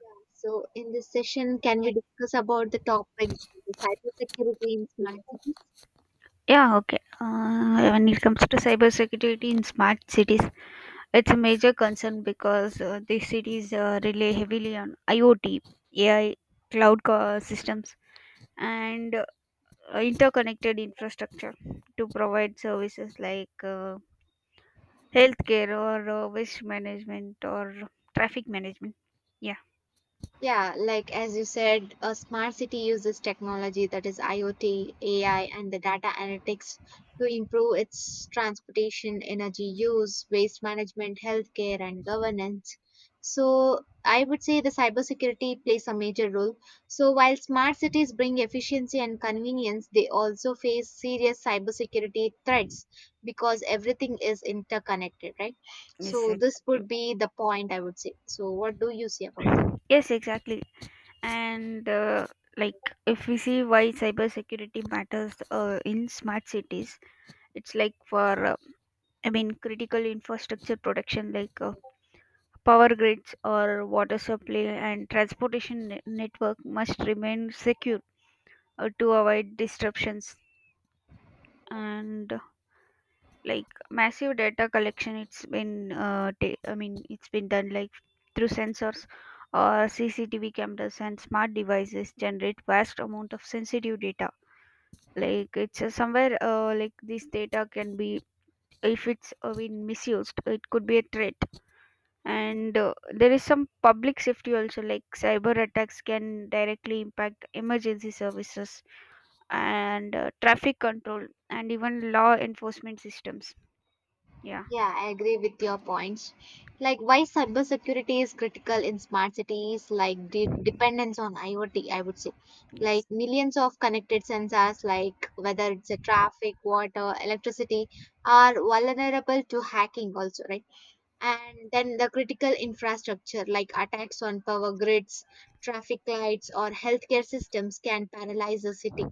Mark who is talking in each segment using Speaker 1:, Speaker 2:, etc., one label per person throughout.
Speaker 1: Yeah. So in this session, can we discuss about the topic cybersecurity in smart cities?
Speaker 2: Yeah, okay. When it comes to cybersecurity in smart cities, it's a major concern because these cities rely heavily on IoT, AI, systems, and interconnected infrastructure to provide services like healthcare or waste management or traffic management. Yeah,
Speaker 1: Yeah, like as you said, a smart city uses technology that is IoT, AI, and the data analytics to improve its transportation, energy use, waste management, healthcare, and governance. So, I would say the cybersecurity plays a major role. So, while smart cities bring efficiency and convenience, they also face serious cybersecurity threats because everything is interconnected, right?
Speaker 2: yes,
Speaker 1: So, this
Speaker 2: exactly.
Speaker 1: would be the point I would say. So, what do you see about?
Speaker 2: Yes, exactly. and like if we see why cybersecurity matters in smart cities, it's like for critical infrastructure protection like power grids or water supply and network must remain secure, to avoid disruptions, and like massive data collection, it's been ta- I mean it's been done like through sensors or cctv cameras, and smart devices generate vast amount of sensitive data. Like it's somewhere, like this data can be, if it's been misused, it could be a threat. And there is some public safety also, like cyber attacks can directly impact emergency services and traffic control and even law enforcement systems. Yeah,
Speaker 1: Yeah, I agree with your points. Like why cybersecurity is critical in smart cities, like the dependence on IoT, I would say.
Speaker 2: yes.
Speaker 1: Like millions of connected sensors, like whether it's a traffic, water, electricity, are vulnerable to hacking also, right? And then the critical infrastructure, like attacks on power grids, traffic lights, or healthcare systems can paralyze a city.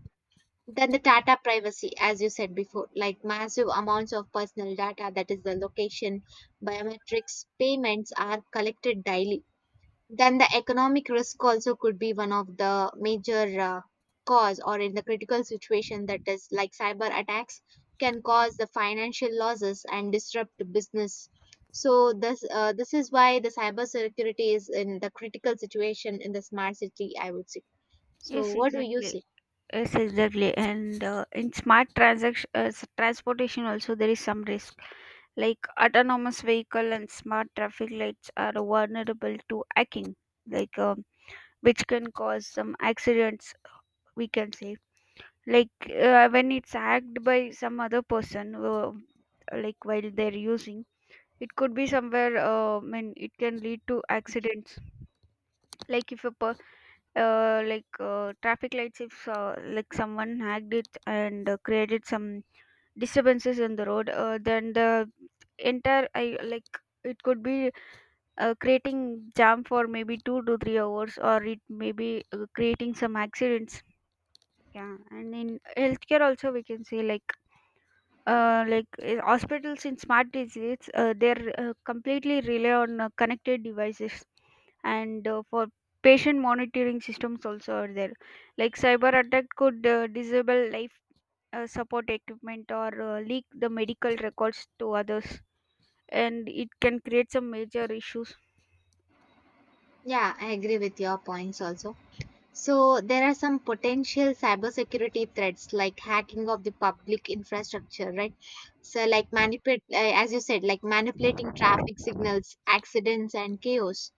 Speaker 1: Then the data privacy, as you said before, like massive amounts of personal data, that is the location, biometrics, payments are collected daily. Then the economic risk also could be one of the major cause, or in the critical situation, that is like cyber attacks can cause the financial losses and disrupt the business. So this is why the cyber security is in the critical situation in the smart city, I would say.
Speaker 2: Yes,
Speaker 1: So what do you
Speaker 2: exactly.
Speaker 1: say?
Speaker 2: Yes, exactly. And in smart transportation also there is some risk. Like autonomous vehicle and smart traffic lights are vulnerable to hacking, like um, which can cause some accidents. We can say, like when it's hacked by some other person, like while they're using. It could be somewhere. I mean, it can lead to accidents. Like if a per, like traffic lights, if like someone hacked it and created some disturbances in the road, then the entire I like it could be creating jam for maybe 2 to 3 hours, or it may be creating some accidents. Yeah, and in healthcare also we can say, like hospitals in smart disease, they're completely rely on connected devices, and for patient monitoring systems also are there. Like cyber attack could disable life support equipment or leak the medical records to others, and it can create some major issues.
Speaker 1: Yeah, I agree with your points also. So there are some potential cybersecurity threats like hacking of the public infrastructure, right? So like as you said, like manipulating traffic signals, accidents, and chaos.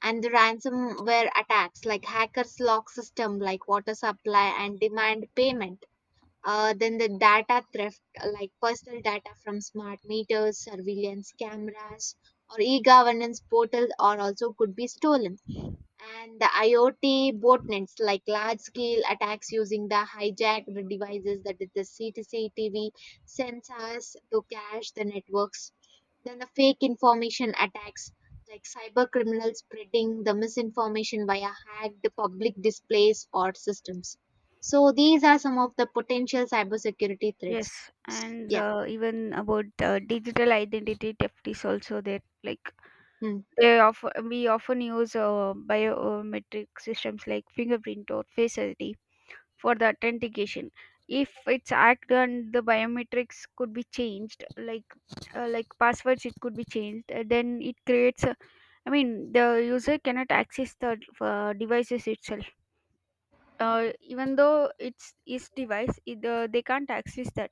Speaker 1: And the ransomware attacks like hackers lock system like water supply and demand payment. Then the data theft like personal data from smart meters, surveillance cameras, or e-governance portals, or also could be stolen. And the IoT botnets, like large scale attacks using the hijacked devices, that is the CCTV sensors to cache the networks. Then the fake information attacks, like cyber criminals spreading the misinformation via hacked public displays or systems. So these are some of the potential cybersecurity threats.
Speaker 2: Yes, and
Speaker 1: Yeah.
Speaker 2: even about digital identity theft is also there. Like
Speaker 1: Hmm.
Speaker 2: they often we often use biometric systems like fingerprint or face ID for the authentication. If it's hacked and the biometrics could be changed, like, like passwords, it could be changed. Then it creates. I mean, the user cannot access the devices itself. Even though it's its device, they can't access that.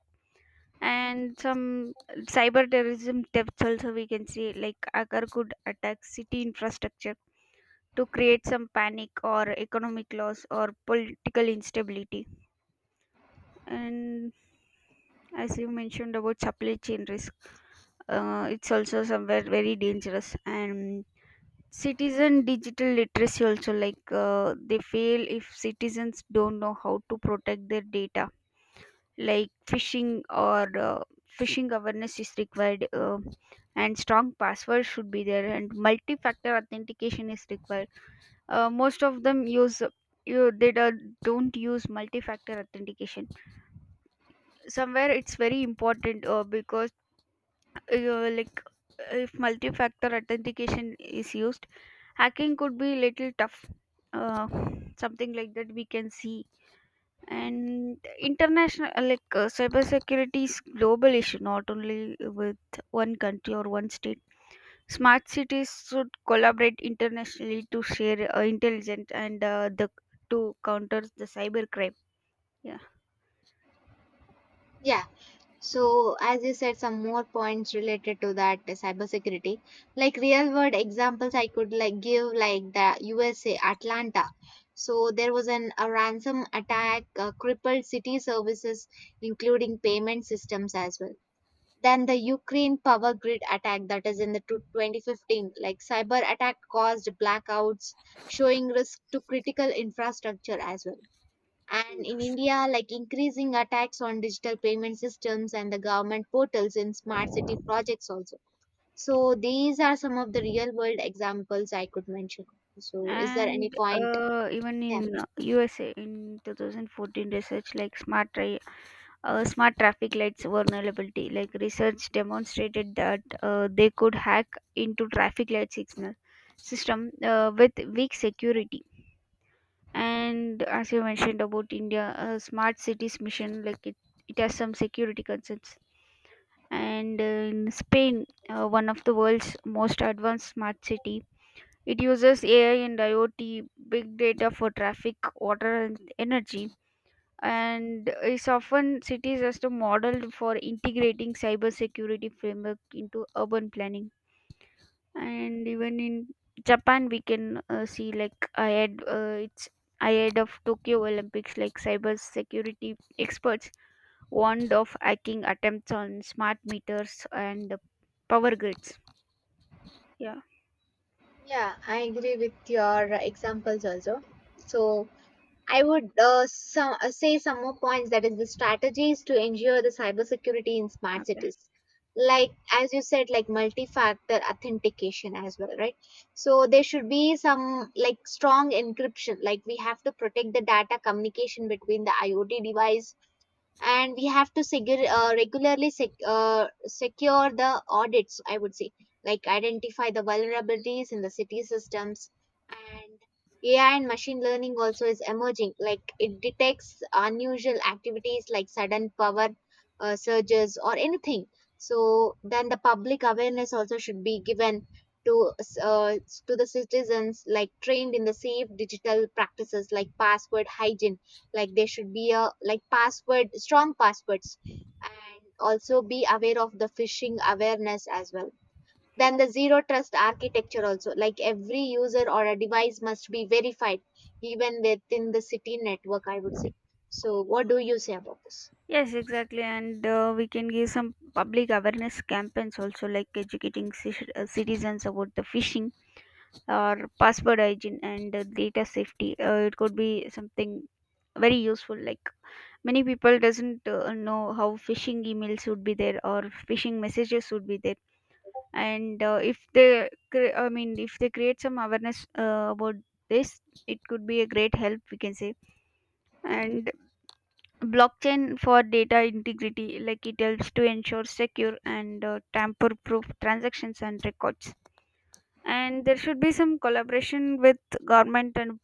Speaker 2: And some cyber terrorism thefts also we can see, like hacker could attack city infrastructure to create some panic or economic loss or political instability. And as you mentioned about supply chain risk, it's also somewhere very dangerous. And citizen digital literacy also, like they fail if citizens don't know how to protect their data, like phishing awareness is required, and strong passwords should be there, and multi-factor authentication is required. Most of them use, you they don't use multi-factor authentication. Somewhere it's very important, because uh, like if multi-factor authentication is used, hacking could be little tough. uh, Something like that we can see. And international, cybersecurity is global issue, not only with one country or one state. Smart cities should collaborate internationally to share intelligence and the to counter the cyber crime. Yeah.
Speaker 1: Yeah. So, as you said, some more points related to that cybersecurity, like real world examples I could like give, like the USA Atlanta. So there was an a ransom attack, crippled city services, including payment systems as well. Then the Ukraine power grid attack that is in the 2015, like cyber attack caused blackouts, showing risk to critical infrastructure as well. And in India, like increasing attacks on digital payment systems and the government portals in smart city projects also. So these are some of the real world examples I could mention. So is there any
Speaker 2: and
Speaker 1: point?
Speaker 2: uh, even in
Speaker 1: Yeah.
Speaker 2: uh, usa in 2014 research, like smart traffic lights vulnerability. Like research demonstrated that they could hack into traffic light signal system with weak security. And as you mentioned about India, smart cities mission, it has some security concerns. And in Spain, one of the world's most advanced smart city, it uses AI and IoT, big data for traffic, water, and energy, and is often cities as the model for integrating cybersecurity framework into urban planning. And even in Japan, we can see like ahead, it's ahead of Tokyo Olympics, like cybersecurity experts warned of hacking attempts on smart meters and power grids. Yeah.
Speaker 1: Yeah, I agree with your examples also. So, I would say some more points, that is the strategies to ensure the cybersecurity in smart
Speaker 2: Okay.
Speaker 1: cities. Like as you said, like multi-factor authentication as well, right? So there should be some like strong encryption. Like we have to protect the data communication between the IoT device, and we have to regularly secure the audits, I would say. Like identify the vulnerabilities in the city systems. And AI and machine learning also is emerging, like it detects unusual activities like sudden power surges or anything. So then the public awareness also should be given to uh, to the citizens, like trained in the safe digital practices like password hygiene. Like there should be a like password strong passwords, and also be aware of the phishing awareness as well. Then the zero trust architecture also, like every user or a device must be verified even within the city network, I would say. So what do you say about this?
Speaker 2: Yes, exactly. And we can give some public awareness campaigns also, like educating citizens about the phishing or password hygiene and data safety, it could be something very useful. Like many people doesn't know how phishing emails would be there or phishing messages would be there. And uh, if they cre- i mean if they create some awareness about this, it could be a great help, we can say. And blockchain for data integrity, like it helps to ensure secure and tamper proof transactions and records. And there should be some collaboration with government and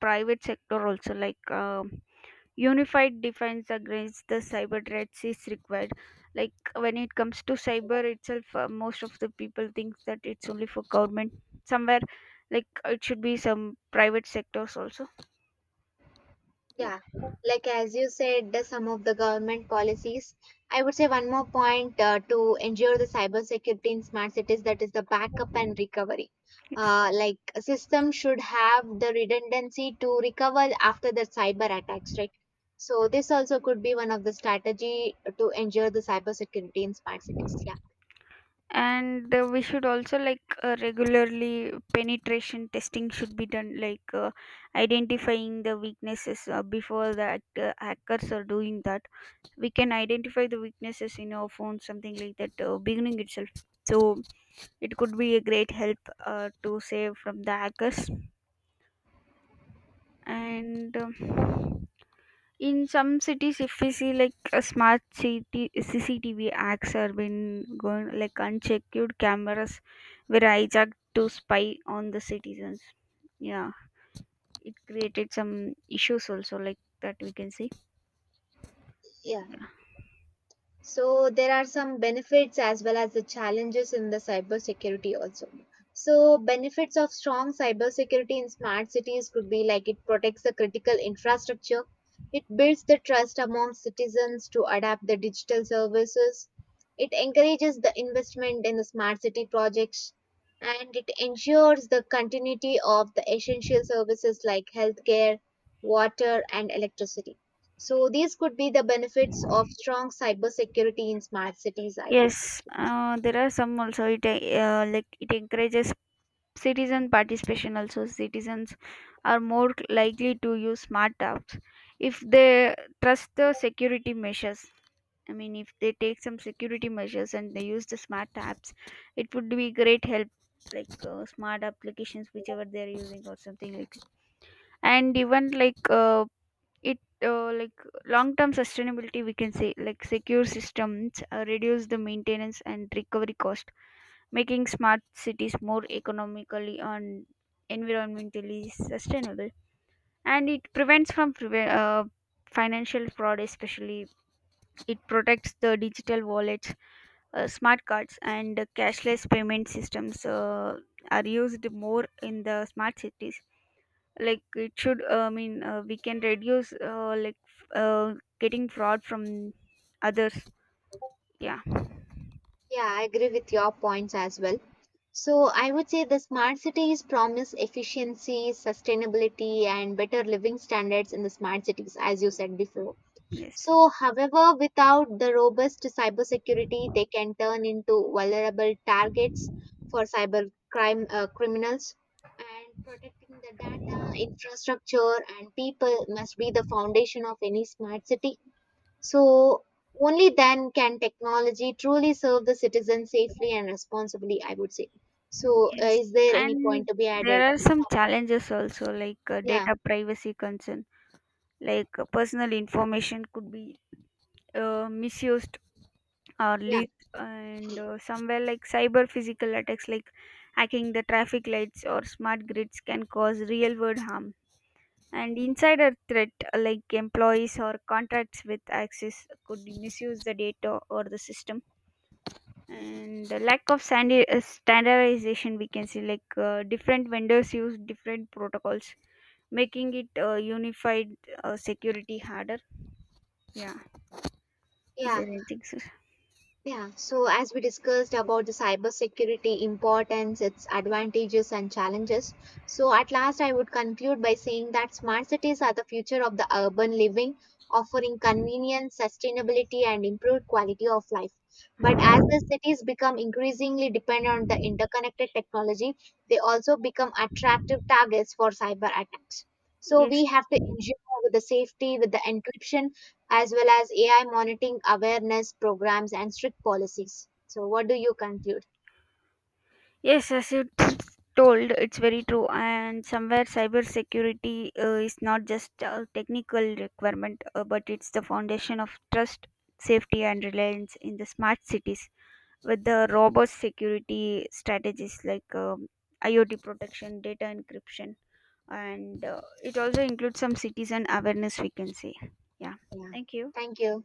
Speaker 2: private sector also, like unified defense against the cyber threats is required. Like when it comes to cyber itself, most of the people think that it's only for government. Somewhere, like it should be some private sectors also. Yeah,
Speaker 1: Yeah, like as you said, the some of the government policies. I would say one more point to ensure the cybersecurity in smart cities, that is the backup and recovery.
Speaker 2: yes.
Speaker 1: Like a system should have the redundancy to recover after the cyber attacks, right? So this also could be one of the strategy to ensure the cybersecurity in smart cities. Yeah,
Speaker 2: And we should also, like regularly penetration testing should be done, like identifying the weaknesses, before hackers are doing that, we can identify the weaknesses in our phone, something like that, beginning itself. So it could be a great help, to save from the hackers. And in some cities, if we see, like a smart city cctv acts are been going, like unchecked cameras were hijacked to spy on the citizens. Yeah. It created some issues also like that, we can see.
Speaker 1: yeah. So there are some benefits as well as the challenges in the cybersecurity also. So benefits of strong cybersecurity in smart cities could be like it protects the critical infrastructure, it builds the trust among citizens to adapt the digital services, it encourages the investment in the smart city projects, and it ensures the continuity of the essential services like healthcare, water, and electricity. So these could be the benefits of strong cybersecurity in smart cities, I think.
Speaker 2: Yes, there are some also, it like it encourages citizen participation also. Citizens are more likely to use smart apps if they trust the security measures. I mean, if they take some security measures and they use the smart apps, it would be great help. Like smart applications, whichever they are using or something like. And even like long term sustainability, we can say, like secure systems reduce the maintenance and recovery cost, making smart cities more economically and environmentally sustainable. And it prevents from financial fraud, especially it protects the digital wallets, smart cards, and cashless payment systems, are used more in the smart cities. Like it should I mean we can reduce, getting fraud from others. Yeah,
Speaker 1: Yeah, I agree with your points as well. So I would say the smart cities promise efficiency, sustainability, and better living standards in the smart cities, as you said before.
Speaker 2: yes.
Speaker 1: So, however, without the robust cybersecurity, they can turn into vulnerable targets for cyber crime criminals. And protecting the data, infrastructure, and people must be the foundation of any smart city. So, only then can technology truly serve the citizen safely and responsibly, I would say. So,
Speaker 2: Yes,
Speaker 1: is there any
Speaker 2: and
Speaker 1: point to be
Speaker 2: there
Speaker 1: added?
Speaker 2: are some
Speaker 1: No.
Speaker 2: challenges also, like
Speaker 1: Yeah,
Speaker 2: data privacy concern. Like personal information could be misused or
Speaker 1: yeah,
Speaker 2: leaked. And somewhere, like cyber physical attacks, like hacking the traffic lights or smart grids can cause real world harm. And insider threat, like employees or contracts with access, could misuse the data or the system. And the lack of standardization, we can see, like different vendors use different protocols, making it unified security harder. Yeah, is
Speaker 1: yeah.
Speaker 2: there anything, sir?
Speaker 1: Yeah, so as we discussed about the cybersecurity importance, its advantages and challenges, so at last I would conclude by saying that smart cities are the future of the urban living, offering convenience, sustainability, and improved quality of life. But as the cities become increasingly dependent on the interconnected technology, they also become attractive targets for cyber attacks. So
Speaker 2: Yes.
Speaker 1: we have to ensure with the safety, with the encryption as well as AI monitoring awareness programs and strict policies. So, what do you conclude?
Speaker 2: Yes, as you told, it's very true. And somewhere, cybersecurity is not just a technical requirement, but it's the foundation of trust, safety, and reliance in the smart cities. With the robust security strategies, like IoT protection, data encryption, and it also includes some citizen awareness, we can say. Yeah,
Speaker 1: Yeah.
Speaker 2: thank you.
Speaker 1: Thank you.